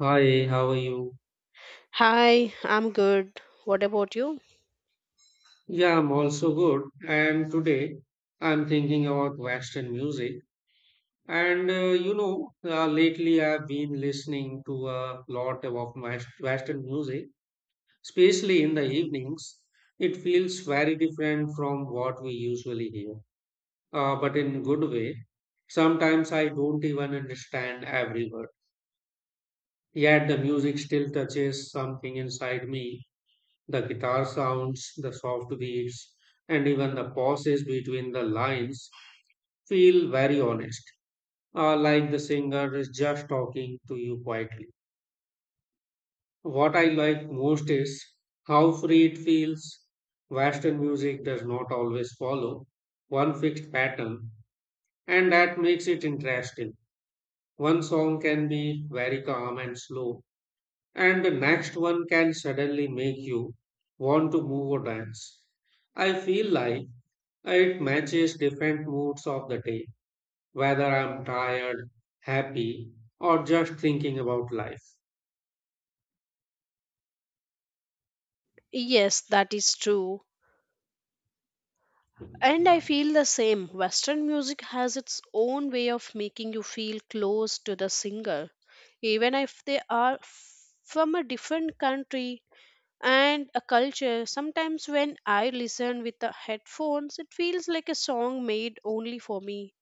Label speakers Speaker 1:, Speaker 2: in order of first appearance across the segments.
Speaker 1: Hi, how are you?
Speaker 2: Hi, I'm good. What about you?
Speaker 1: Yeah, I'm also good. And today I'm thinking about Western music. Lately I've been listening to a lot of Western music, especially in the evenings. It feels very different from what we usually hear, but in good way. Sometimes I don't even understand every word. Yet the music still touches something inside me. The guitar sounds, the soft beats, and even the pauses between the lines feel very honest, like the singer is just talking to you quietly. What I like most is how free it feels. Western music does not always follow one fixed pattern, and that makes it interesting. One song can be very calm and slow, and the next one can suddenly make you want to move or dance. I feel like it matches different moods of the day, whether I'm tired, happy, or just thinking about life.
Speaker 2: Yes, that is true. And I feel the same. Western music has its own way of making you feel close to the singer, even if they are from a different country and a culture. Sometimes when I listen with the headphones, it feels like a song made only for me.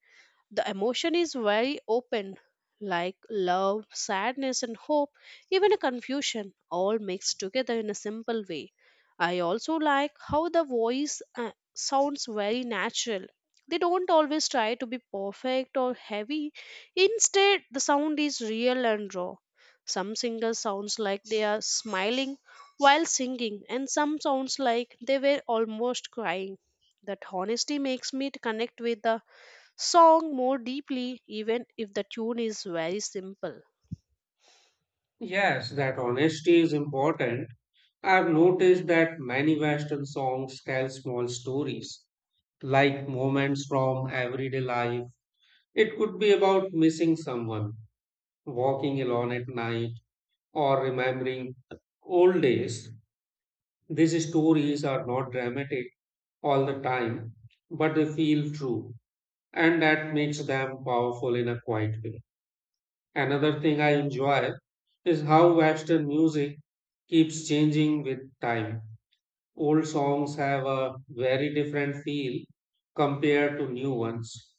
Speaker 2: The emotion is very open, like love, sadness, and hope, even a confusion, all mixed together in a simple way. I also like how the voice sounds very natural. They don't always try to be perfect or heavy. Instead, the sound is real and raw. Some singers sounds like they are smiling while singing, and some sounds like they were almost crying. That honesty makes me to connect with the song more deeply, even if the tune is very simple.
Speaker 1: Yes, that honesty is important. I've noticed that many Western songs tell small stories, like moments from everyday life. It could be about missing someone, walking alone at night, or remembering old days. These stories are not dramatic all the time, but they feel true, and that makes them powerful in a quiet way. Another thing I enjoy is how Western music keeps changing with time. Old songs have a very different feel compared to new ones,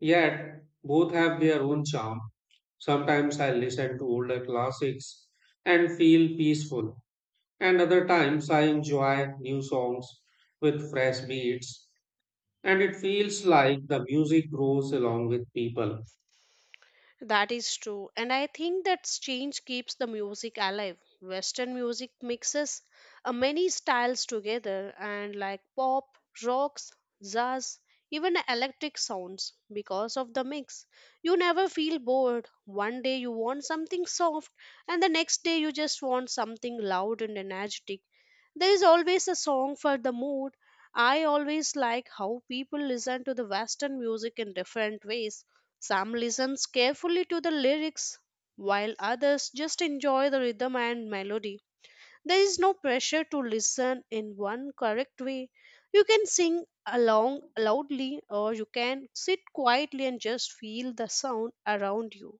Speaker 1: yet both have their own charm. Sometimes I listen to older classics and feel peaceful, and other times I enjoy new songs with fresh beats, and it feels like the music grows along with people.
Speaker 2: That is true, and I think that change keeps the music alive. Western music mixes many styles together, and like pop, rocks, jazz, even electric sounds. Because of the mix, you never feel bored. One day you want something soft, and the next day you just want something loud and energetic. There is always a song for the mood. I always like how people listen to the Western music in different ways, some listens carefully to the lyrics, while others just enjoy the rhythm and melody. There is no pressure to listen in one correct way. You can sing along loudly, or you can sit quietly and just feel the sound around you.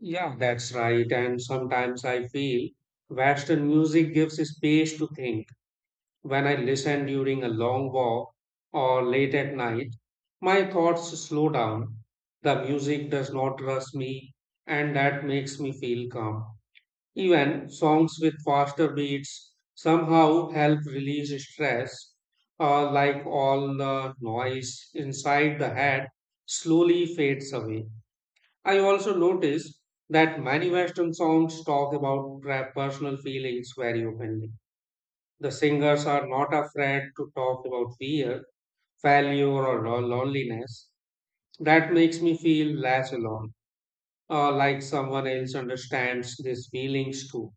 Speaker 1: Yeah, that's right. And sometimes I feel Western music gives space to think. When I listen during a long walk or late at night, my thoughts slow down. The music does not rush me, and that makes me feel calm. Even songs with faster beats somehow help release stress, like all the noise inside the head slowly fades away. I also notice that many Western songs talk about personal feelings very openly. The singers are not afraid to talk about fear, failure, or loneliness. That makes me feel less alone, like someone else understands these feelings too.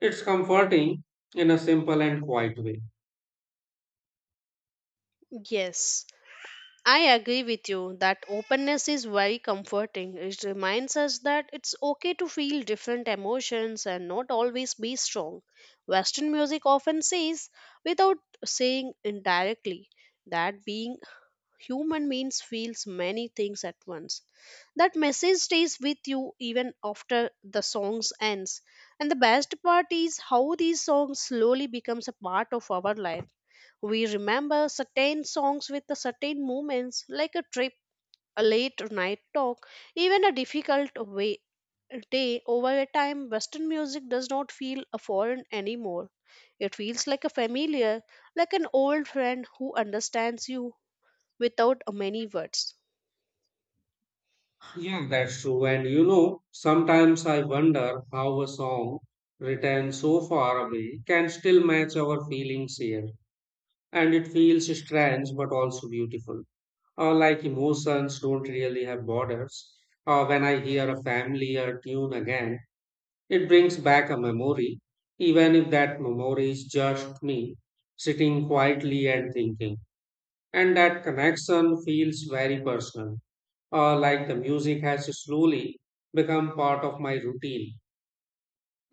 Speaker 1: It's comforting in a simple and quiet way.
Speaker 2: Yes, I agree with you that openness is very comforting. It reminds us that it's okay to feel different emotions and not always be strong. Western music often says, without saying indirectly, that being human means feels many things at once. That message stays with you even after the songs ends. And the best part is how these songs slowly becomes a part of our life. We remember certain songs with the certain moments, like a trip, a late night talk, even a difficult way, day over a time. Western music does not feel a foreign anymore. It feels like a familiar, like an old friend who understands you without a many words.
Speaker 1: Yeah, that's true. And you know, sometimes I wonder how a song written so far away can still match our feelings here, and it feels strange but also beautiful. Like emotions don't really have borders. When I hear a familiar tune again, it brings back a memory, even if that memory is just me sitting quietly and thinking. And that connection feels very personal, like the music has slowly become part of my routine.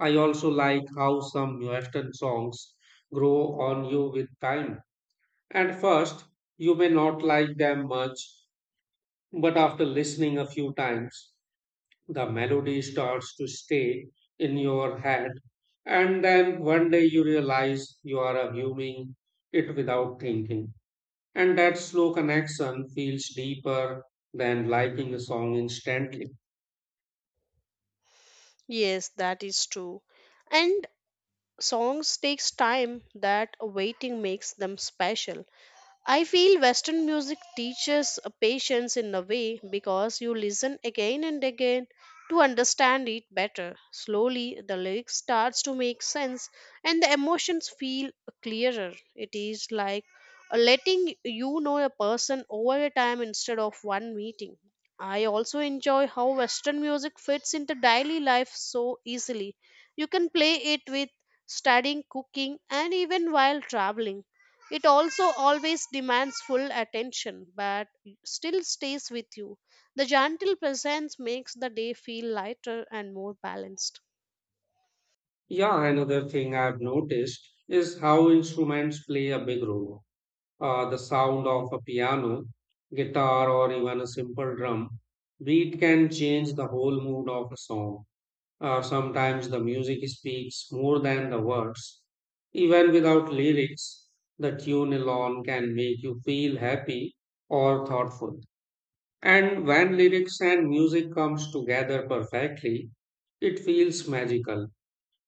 Speaker 1: I also like how some Western songs grow on you with time. At first, you may not like them much, but after listening a few times, the melody starts to stay in your head, and then one day you realize you are humming it without thinking. And that slow connection feels deeper than liking a song instantly.
Speaker 2: Yes, that is true. And songs takes time that waiting makes them special. I feel Western music teaches a patience in a way because you listen again and again to understand it better. Slowly, the lyrics starts to make sense and the emotions feel clearer. It is like letting you know a person over a time instead of one meeting. I also enjoy how Western music fits into daily life so easily. You can play it with studying, cooking, and even while traveling. It also always demands full attention, but still stays with you. The gentle presence makes the day feel lighter and more balanced.
Speaker 1: Yeah, another thing I've noticed is how instruments play a big role. The sound of a piano, guitar, or even a simple drum beat can change the whole mood of a song. Sometimes the music speaks more than the words. Even without lyrics, the tune alone can make you feel happy or thoughtful. And when lyrics and music comes together perfectly, it feels magical.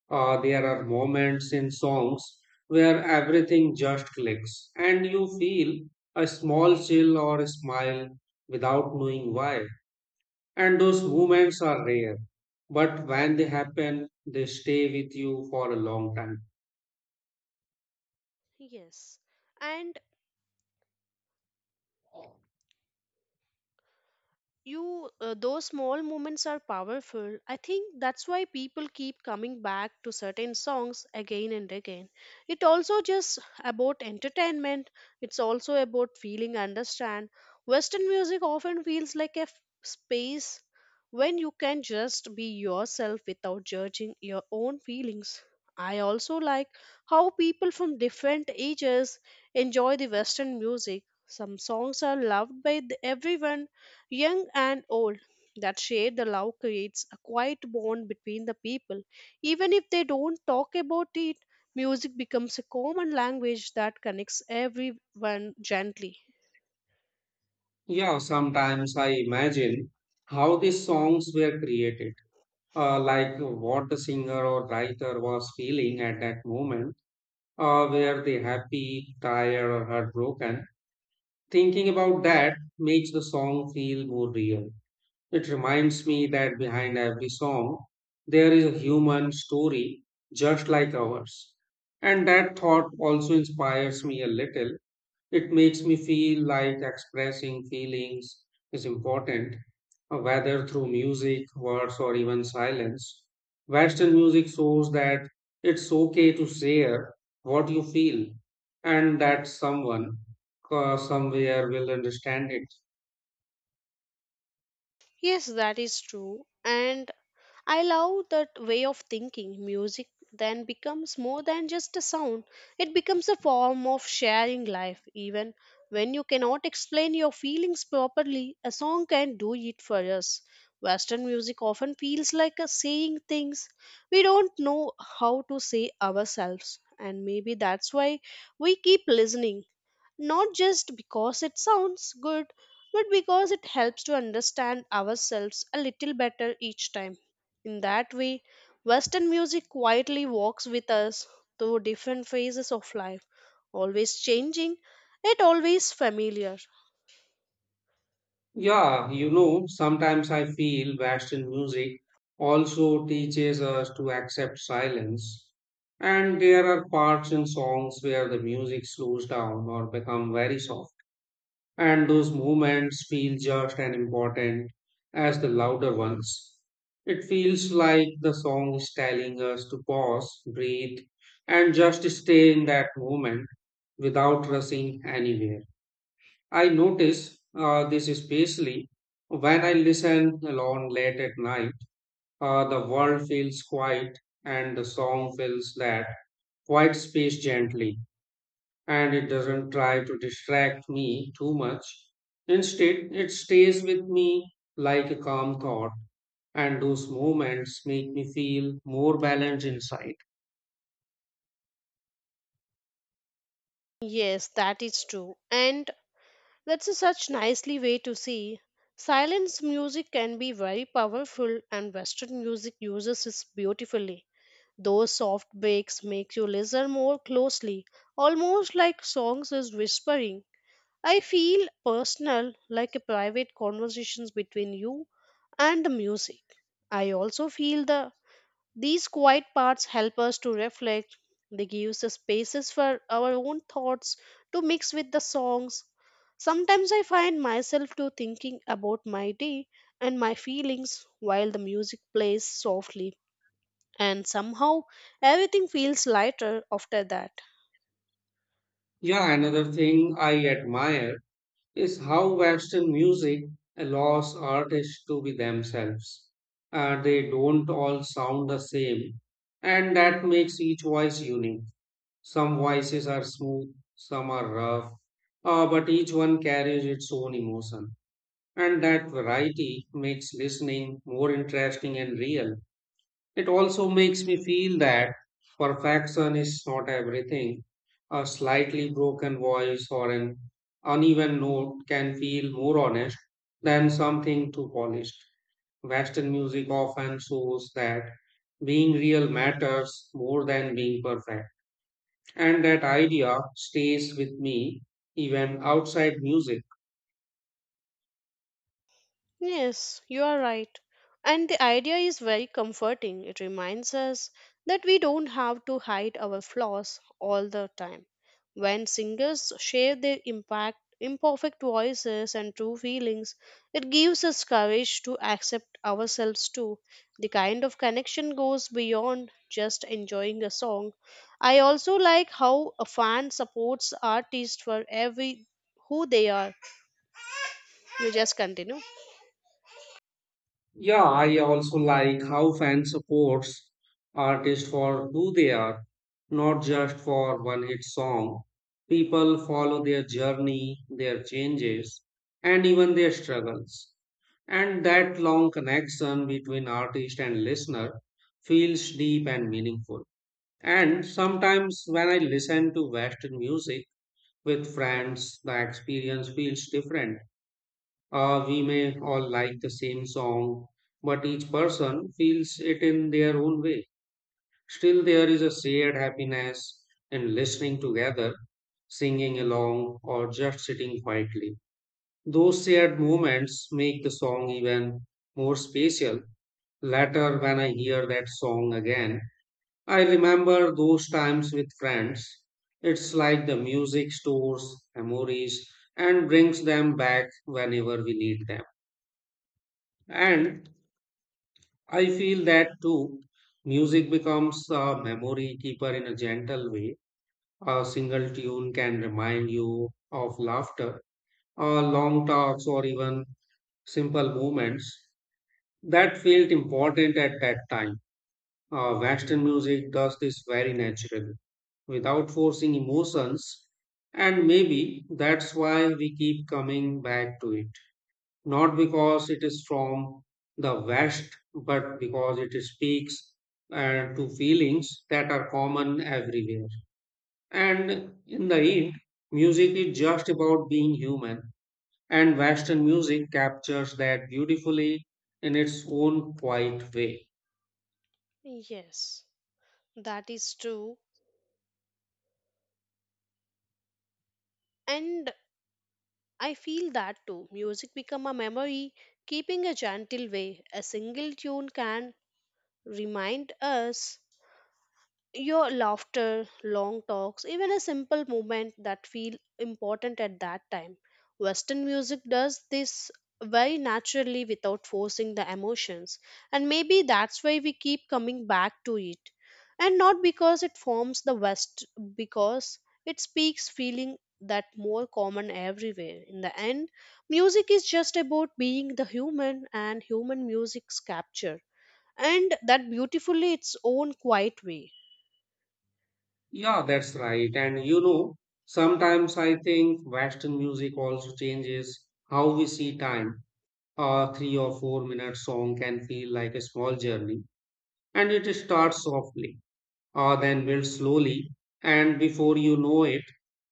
Speaker 1: There are moments in songs where everything just clicks and you feel a small chill or a smile without knowing why. And those moments are rare, but when they happen, they stay with you for a long time.
Speaker 2: Yes. And you those small moments are powerful. I think that's why people keep coming back to certain songs again and again. It also just about entertainment, it's also about feeling understand. Western music often feels like a space when you can just be yourself without judging your own feelings. I also like how people from different ages enjoy the Western music. Some songs are loved by everyone, young and old, that share the love creates a quiet bond between the people. Even if they don't talk about it, music becomes a common language that connects everyone gently.
Speaker 1: Yeah, sometimes I imagine how these songs were created, like what the singer or writer was feeling at that moment. Were they happy, tired, or heartbroken? Thinking about that makes the song feel more real. It reminds me that behind every song, there is a human story just like ours. And that thought also inspires me a little. It makes me feel like expressing feelings is important, whether through music, words, or even silence. Western music shows that it's okay to share what you feel, and that someone, somewhere will understand it.
Speaker 2: Yes, that is true. And I love that way of thinking. Music then becomes more than just a sound, it becomes a form of sharing life. Even when you cannot explain your feelings properly, a song can do it for us. Western music often feels like a saying things we don't know how to say ourselves, and maybe that's why we keep listening, not just because it sounds good, but because it helps to understand ourselves a little better each time. In that way, Western music quietly walks with us through different phases of life, always changing, yet always familiar.
Speaker 1: Yeah, you know, sometimes I feel Western music also teaches us to accept silence. And there are parts in songs where the music slows down or become very soft. And those moments feel just as important as the louder ones. It feels like the song is telling us to pause, breathe, and just stay in that moment without rushing anywhere. I notice this especially when I listen alone late at night. The world feels quiet and the song fills that quiet space gently, and it doesn't try to distract me too much. Instead, it stays with me like a calm thought, and those moments make me feel more balanced inside.
Speaker 2: Yes, that is true. And that's a such nicely way to see. Silence music can be very powerful and Western music uses it beautifully. Those soft breaks make you listen more closely, almost like songs is whispering. I feel personal, like a private conversations between you and the music. I also feel the these quiet parts help us to reflect. They give us the spaces for our own thoughts to mix with the songs. Sometimes I find myself to thinking about my day and my feelings while the music plays softly and somehow everything feels lighter after that.
Speaker 1: Yeah, another thing I admire is how Western music allows artists to be themselves. They don't all sound the same, and that makes each voice unique. Some voices are smooth, some are rough, but each one carries its own emotion. And that variety makes listening more interesting and real. It also makes me feel that perfection is not everything. A slightly broken voice or an uneven note can feel more honest than something too polished. Western music often shows that being real matters more than being perfect. And that idea stays with me even outside music.
Speaker 2: Yes, you are right. And the idea is very comforting. It reminds us that we don't have to hide our flaws all the time. When singers share their impact, imperfect voices and true feelings, it gives us courage to accept ourselves too. The kind of connection goes beyond just enjoying a song. I also like how a fan supports artists for every who they are. You just continue.
Speaker 1: Yeah, I also like how fan supports artists for who they are, not just for one hit song. People follow their journey, their changes, and even their struggles. And that long connection between artist and listener feels deep and meaningful. And sometimes when I listen to Western music with friends, the experience feels different. Uh, we may all like the same song, but each person feels it in their own way. Still, there is a shared happiness in listening together, singing along, or just sitting quietly. Those shared moments make the song even more special. Later, when I hear that song again, I remember those times with friends. It's like the music stores memories and brings them back whenever we need them. And I feel that too, music becomes a memory keeper in a gentle way. A single tune can remind you of laughter, long talks, or even simple moments that felt important at that time. Western music does this very naturally, without forcing emotions, and maybe that's why we keep coming back to it. Not because it is from the West, but because it speaks, to feelings that are common everywhere. And in the end, music is just about being human, and Western music captures that beautifully in its own quiet way.
Speaker 2: Yes. That is true. And I feel that too. Music become a memory, keeping a gentle way. A single tune can remind us your laughter, long talks, even a simple movement that feel important at that time. Western music does this very naturally without forcing the emotions, and maybe that's why we keep coming back to it. And not because it forms the West, because it speaks feeling that more common everywhere. In the end, music is just about being the human and human music's capture, and that beautifully its own quiet way.
Speaker 1: Yeah, that's right. And you know, sometimes I think Western music also changes how we see time. A 3 or 4 minute song can feel like a small journey, and it starts softly, then builds slowly, and before you know it,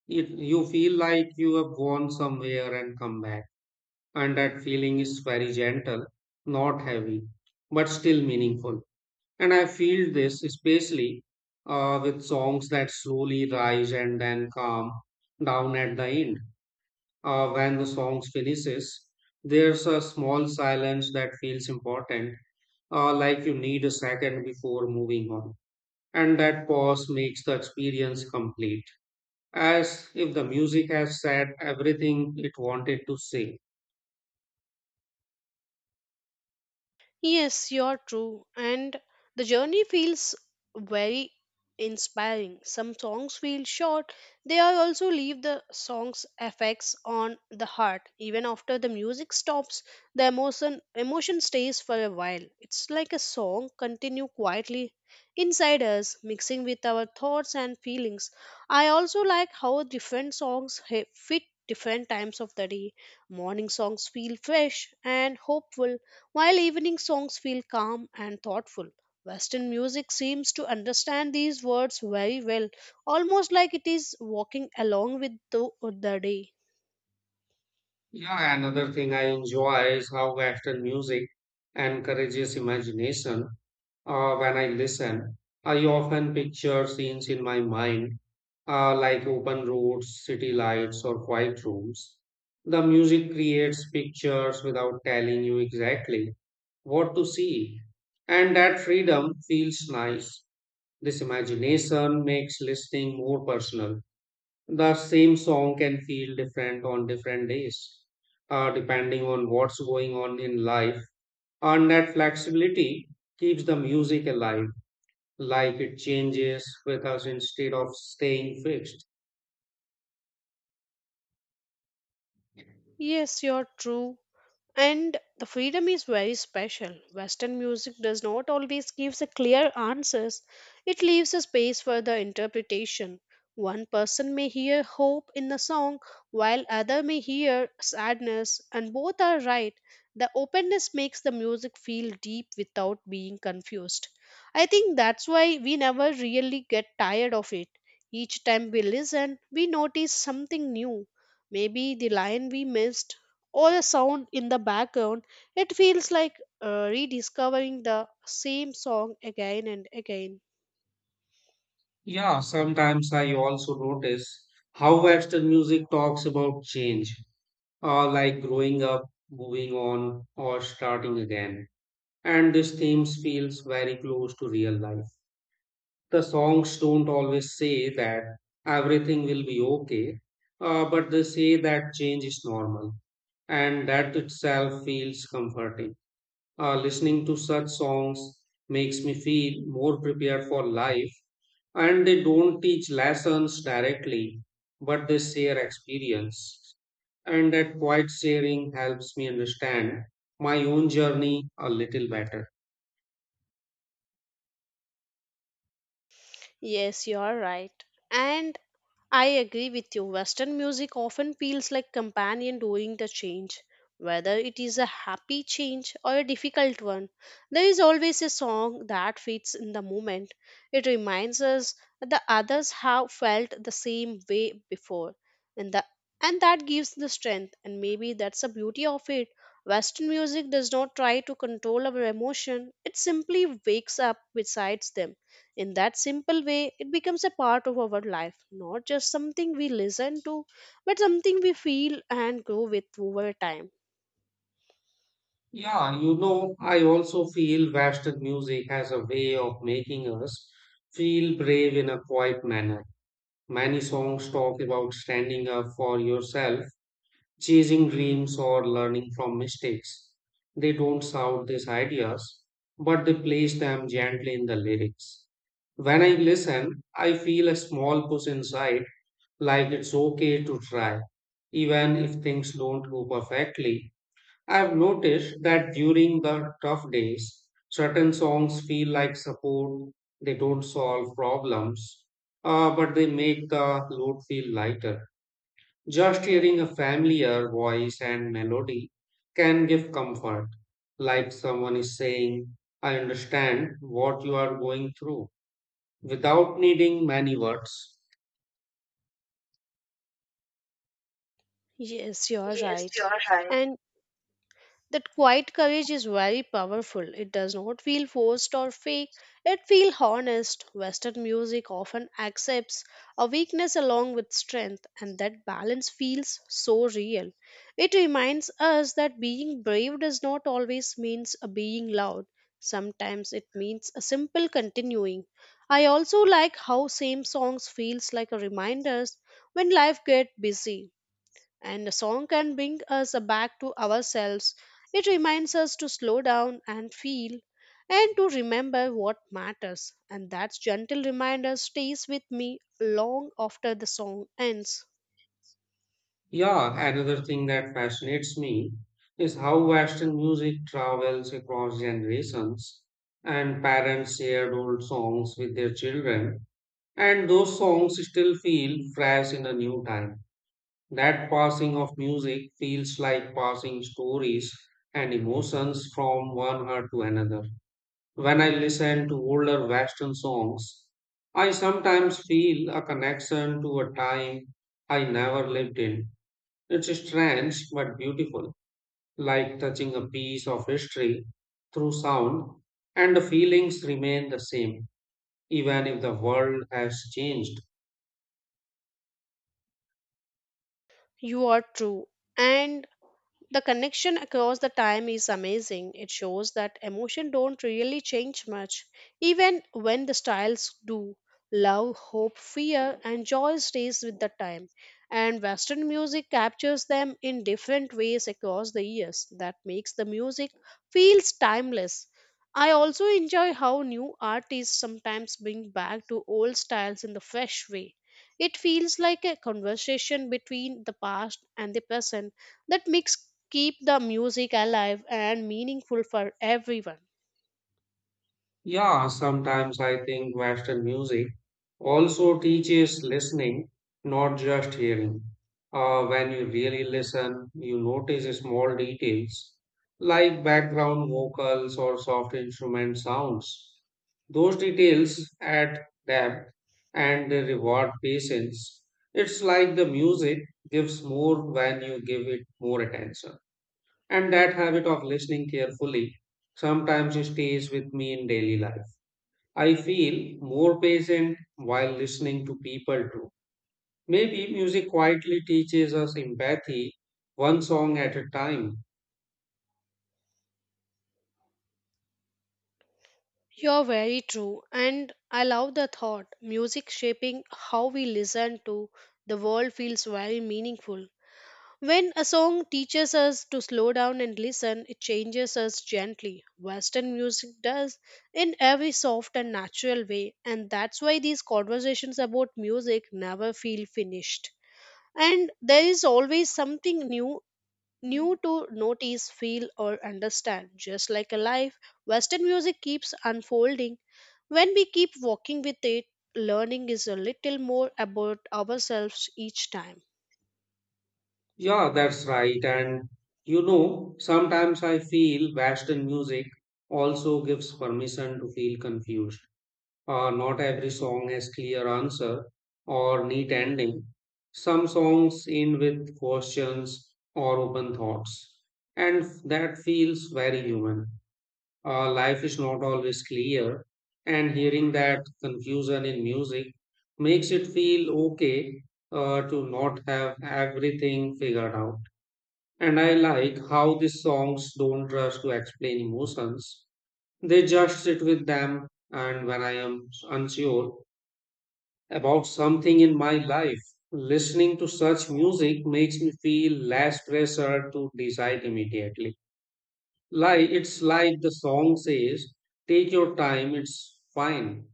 Speaker 1: you feel like you have gone somewhere and come back. And that feeling is very gentle, not heavy, but still meaningful. And I feel this especially with songs that slowly rise and then calm down at the end. When the song finishes, there's a small silence that feels important, like you need a second before moving on, and that pause makes the experience complete, as if the music has said everything it wanted to say.
Speaker 2: Yes, you're true. And the journey feels very inspiring. Some songs feel short. They are also leave the song's effects on the heart. Even after the music stops, the emotion stays for a while. It's like a song continue quietly inside us, mixing with our thoughts and feelings. I also like how different fit different times of the day. Morning songs feel fresh and hopeful while evening songs feel calm and thoughtful. Western music seems to understand these words very well, almost like it is walking along with the day.
Speaker 1: Yeah, another thing I enjoy is how Western music encourages imagination. When I listen, I often picture scenes in my mind, like open roads, city lights, or quiet rooms. The music creates pictures without telling you exactly what to see, and that freedom feels nice. This imagination makes listening more personal. The same song can feel different on different days, depending on what's going on in life. And that flexibility keeps the music alive, like it changes with us instead of staying fixed.
Speaker 2: Yes, you're true. And the freedom is very special. Western music does not always give the clear answers, it leaves a space for the interpretation. One person may hear hope in the song, while other may hear sadness, and both are right. The openness makes the music feel deep without being confused. I think that's why we never really get tired of it. Each time we listen, we notice something new. Maybe the line we missed, or a sound in the background, it feels like rediscovering the same song again and again.
Speaker 1: Yeah, sometimes I also notice how Western music talks about change, like growing up, moving on, or starting again. And these themes feels very close to real life. The songs don't always say that everything will be okay, but they say that change is normal, and that itself feels comforting. Listening to such songs makes me feel more prepared for life, and they don't teach lessons directly, but they share experience. And that quiet sharing helps me understand my own journey a little better.
Speaker 2: Yes, you are right. And I agree with you. Western music often feels like companion during the change. Whether it is a happy change or a difficult one, there is always a song that fits in the moment. It reminds us that others have felt the same way before, and, the, and that gives the strength. And maybe that's the beauty of it. Western music does not try to control our emotion, it simply wakes up besides them in that simple way, it becomes a part of our life, not just something we listen to, but something we feel and grow with over time.
Speaker 1: Yeah, you know, I also feel Western music has a way of making us feel brave in a quiet manner. Many songs talk about standing up for yourself, chasing dreams, or learning from mistakes. They don't shout these ideas, but they place them gently in the lyrics. When I listen, I feel a small push inside, like it's okay to try, even if things don't go perfectly. I've noticed that during the tough days, certain songs feel like support. They don't solve problems, but they make the load feel lighter. Just hearing a familiar voice and melody can give comfort, like someone is saying, I understand what you are going through, without needing many words.
Speaker 2: Yes, you're right. And that quiet courage is very powerful. It does not feel forced or fake. It feels honest. Western music often accepts a weakness along with strength, and that balance feels so real. It reminds us that being brave does not always means a being loud. Sometimes it means a simple continuing. I also like how same songs feels like a reminders when life get busy and a song can bring us back to ourselves. It reminds us to slow down and feel and to remember what matters. And that gentle reminder stays with me long after the song ends.
Speaker 1: Yeah, another thing that fascinates me is how Western music travels across generations and parents shared old songs with their children, and those songs still feel fresh in a new time. That passing of music feels like passing stories and emotions from one heart to another. When I listen to older Western songs, I sometimes feel a connection to a time I never lived in. It's strange but beautiful, like touching a piece of history through sound, and the feelings remain the same, even if the world has changed.
Speaker 2: You are true. And the connection across the time is amazing. It shows that emotion don't really change much, even when the styles do. Love, hope, fear, and joy stays with the time. And Western music captures them in different ways across the years. That makes the music feels timeless. I also enjoy how new artists sometimes bring back to old styles in the fresh way. It feels like a conversation between the past and the present that makes keep the music alive and meaningful for everyone.
Speaker 1: Yeah, sometimes I think Western music also teaches listening, not just hearing. When you really listen, you notice small details like background vocals or soft instrument sounds. Those details add depth and they reward patience. It's like the music gives more when you give it more attention. And that habit of listening carefully sometimes stays with me in daily life. I feel more patient while listening to people too. Maybe music quietly teaches us empathy, one song at a time.
Speaker 2: You're very true, and I love the thought. Music shaping how we listen to the world feels very meaningful. When a song teaches us to slow down and listen, it changes us gently. Western music does in every soft and natural way, and that's why these conversations about music never feel finished. And there is always something new to notice, feel, or understand. Just like a life, Western music keeps unfolding. When we keep walking with it, learning is a little more about ourselves each time.
Speaker 1: Yeah, that's right. And you know, sometimes I feel Western music also gives permission to feel confused. Not every song has clear answer or neat ending. Some songs end with questions or open thoughts, and that feels very human. Life is not always clear, and hearing that confusion in music makes it feel okay to not have everything figured out. And I like how these songs don't rush to explain emotions, they just sit with them. And when I am unsure about something in my life, listening to such music makes me feel less pressure to decide immediately. Like it's like the song says, take your time, it's fine.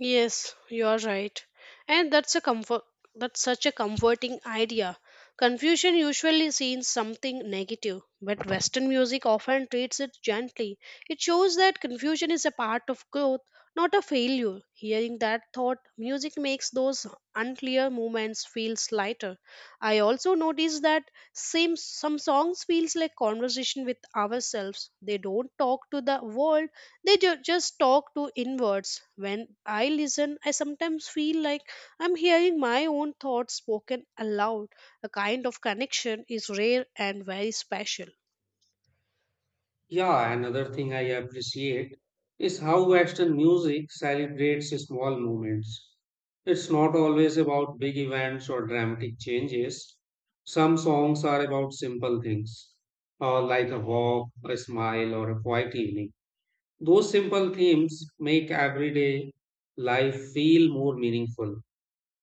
Speaker 2: Yes, you are right. And that's such a comforting idea. Confusion usually seems something negative, but Western music often treats it gently. It shows that confusion is a part of growth, not a failure. Hearing that thought, music makes those unclear moments feel lighter. I also notice that same some songs feels like conversation with ourselves. They don't talk to the world, they just talk to inwards. When I listen, I sometimes feel like I'm hearing my own thoughts spoken aloud. A kind of connection is rare and very special.
Speaker 1: Yeah, another thing I appreciate is how Western music celebrates small moments. It's not always about big events or dramatic changes. Some songs are about simple things, like a walk, a smile, or a quiet evening. Those simple themes make everyday life feel more meaningful.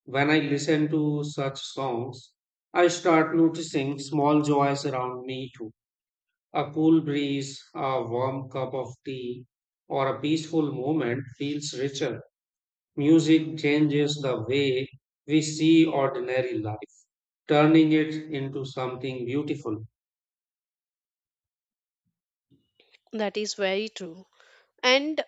Speaker 1: When I listen to such songs, I start noticing small joys around me too. A cool breeze, a warm cup of tea, or a peaceful moment feels richer. Music changes the way we see ordinary life, turning it into something beautiful.
Speaker 2: That is very true. And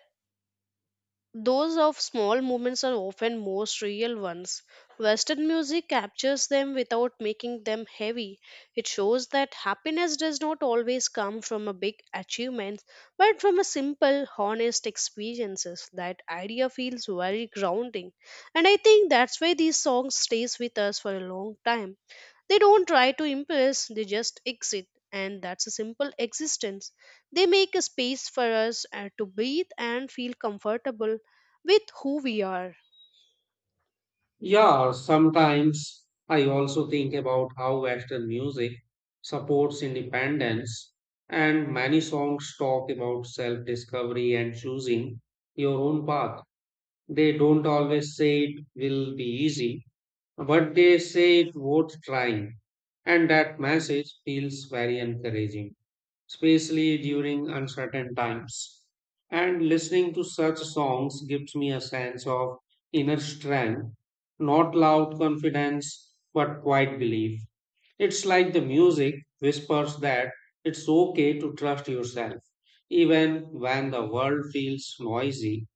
Speaker 2: those of small movements are often most real ones. Western music captures them without making them heavy. It shows that happiness does not always come from a big achievement, but from a simple, honest experiences. That idea feels very grounding. And I think that's why these songs stays with us for a long time. They don't try to impress, they just exist, and that's a simple existence. They make a space for us to breathe and feel comfortable with who we are.
Speaker 1: Yeah, sometimes I also think about how Western music supports independence, and many songs talk about self discovery and choosing your own path. They don't always say it will be easy, but they say it worth trying, and that message feels very encouraging, especially during uncertain times. And listening to such songs gives me a sense of inner strength, not loud confidence, but quiet belief. It's like the music whispers that it's okay to trust yourself, even when the world feels noisy.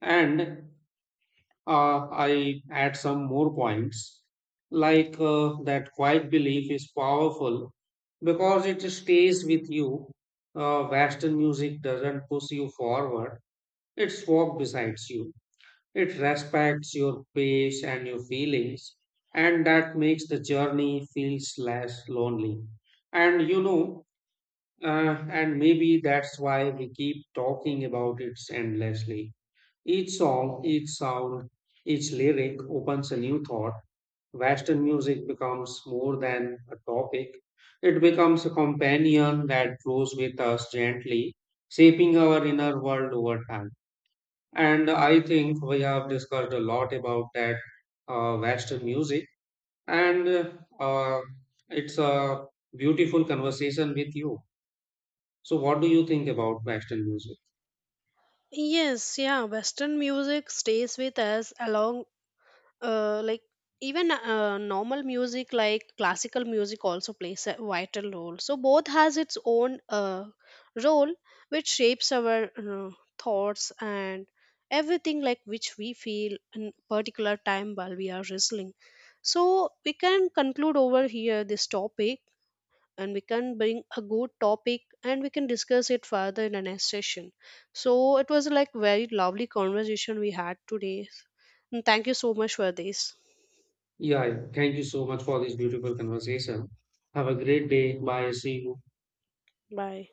Speaker 1: And I add some more points, like that quiet belief is powerful because it stays with you. Western music doesn't push you forward, it's walk beside you. It respects your pace and your feelings, and that makes the journey feels less lonely. And you know, and maybe that's why we keep talking about it endlessly. Each song, each sound, each lyric opens a new thought. Western music becomes more than a topic, it becomes a companion that grows with us gently, shaping our inner world over time. And I think we have discussed a lot about that Western music, and it's a beautiful conversation with you. So, what do you think about Western music?
Speaker 2: Yes, yeah, Western music stays with us along like even normal music like classical music also plays a vital role, so both has its own role which shapes our thoughts and everything like which we feel in particular time while we are wrestling. So we can conclude over here this topic, and we can bring a good topic and we can discuss it further in the next session. So it was like very lovely conversation we had today, and thank you so much for this.
Speaker 1: Yeah, yeah. Thank you so much for this beautiful conversation. Have a great day. Bye. See you.
Speaker 2: Bye.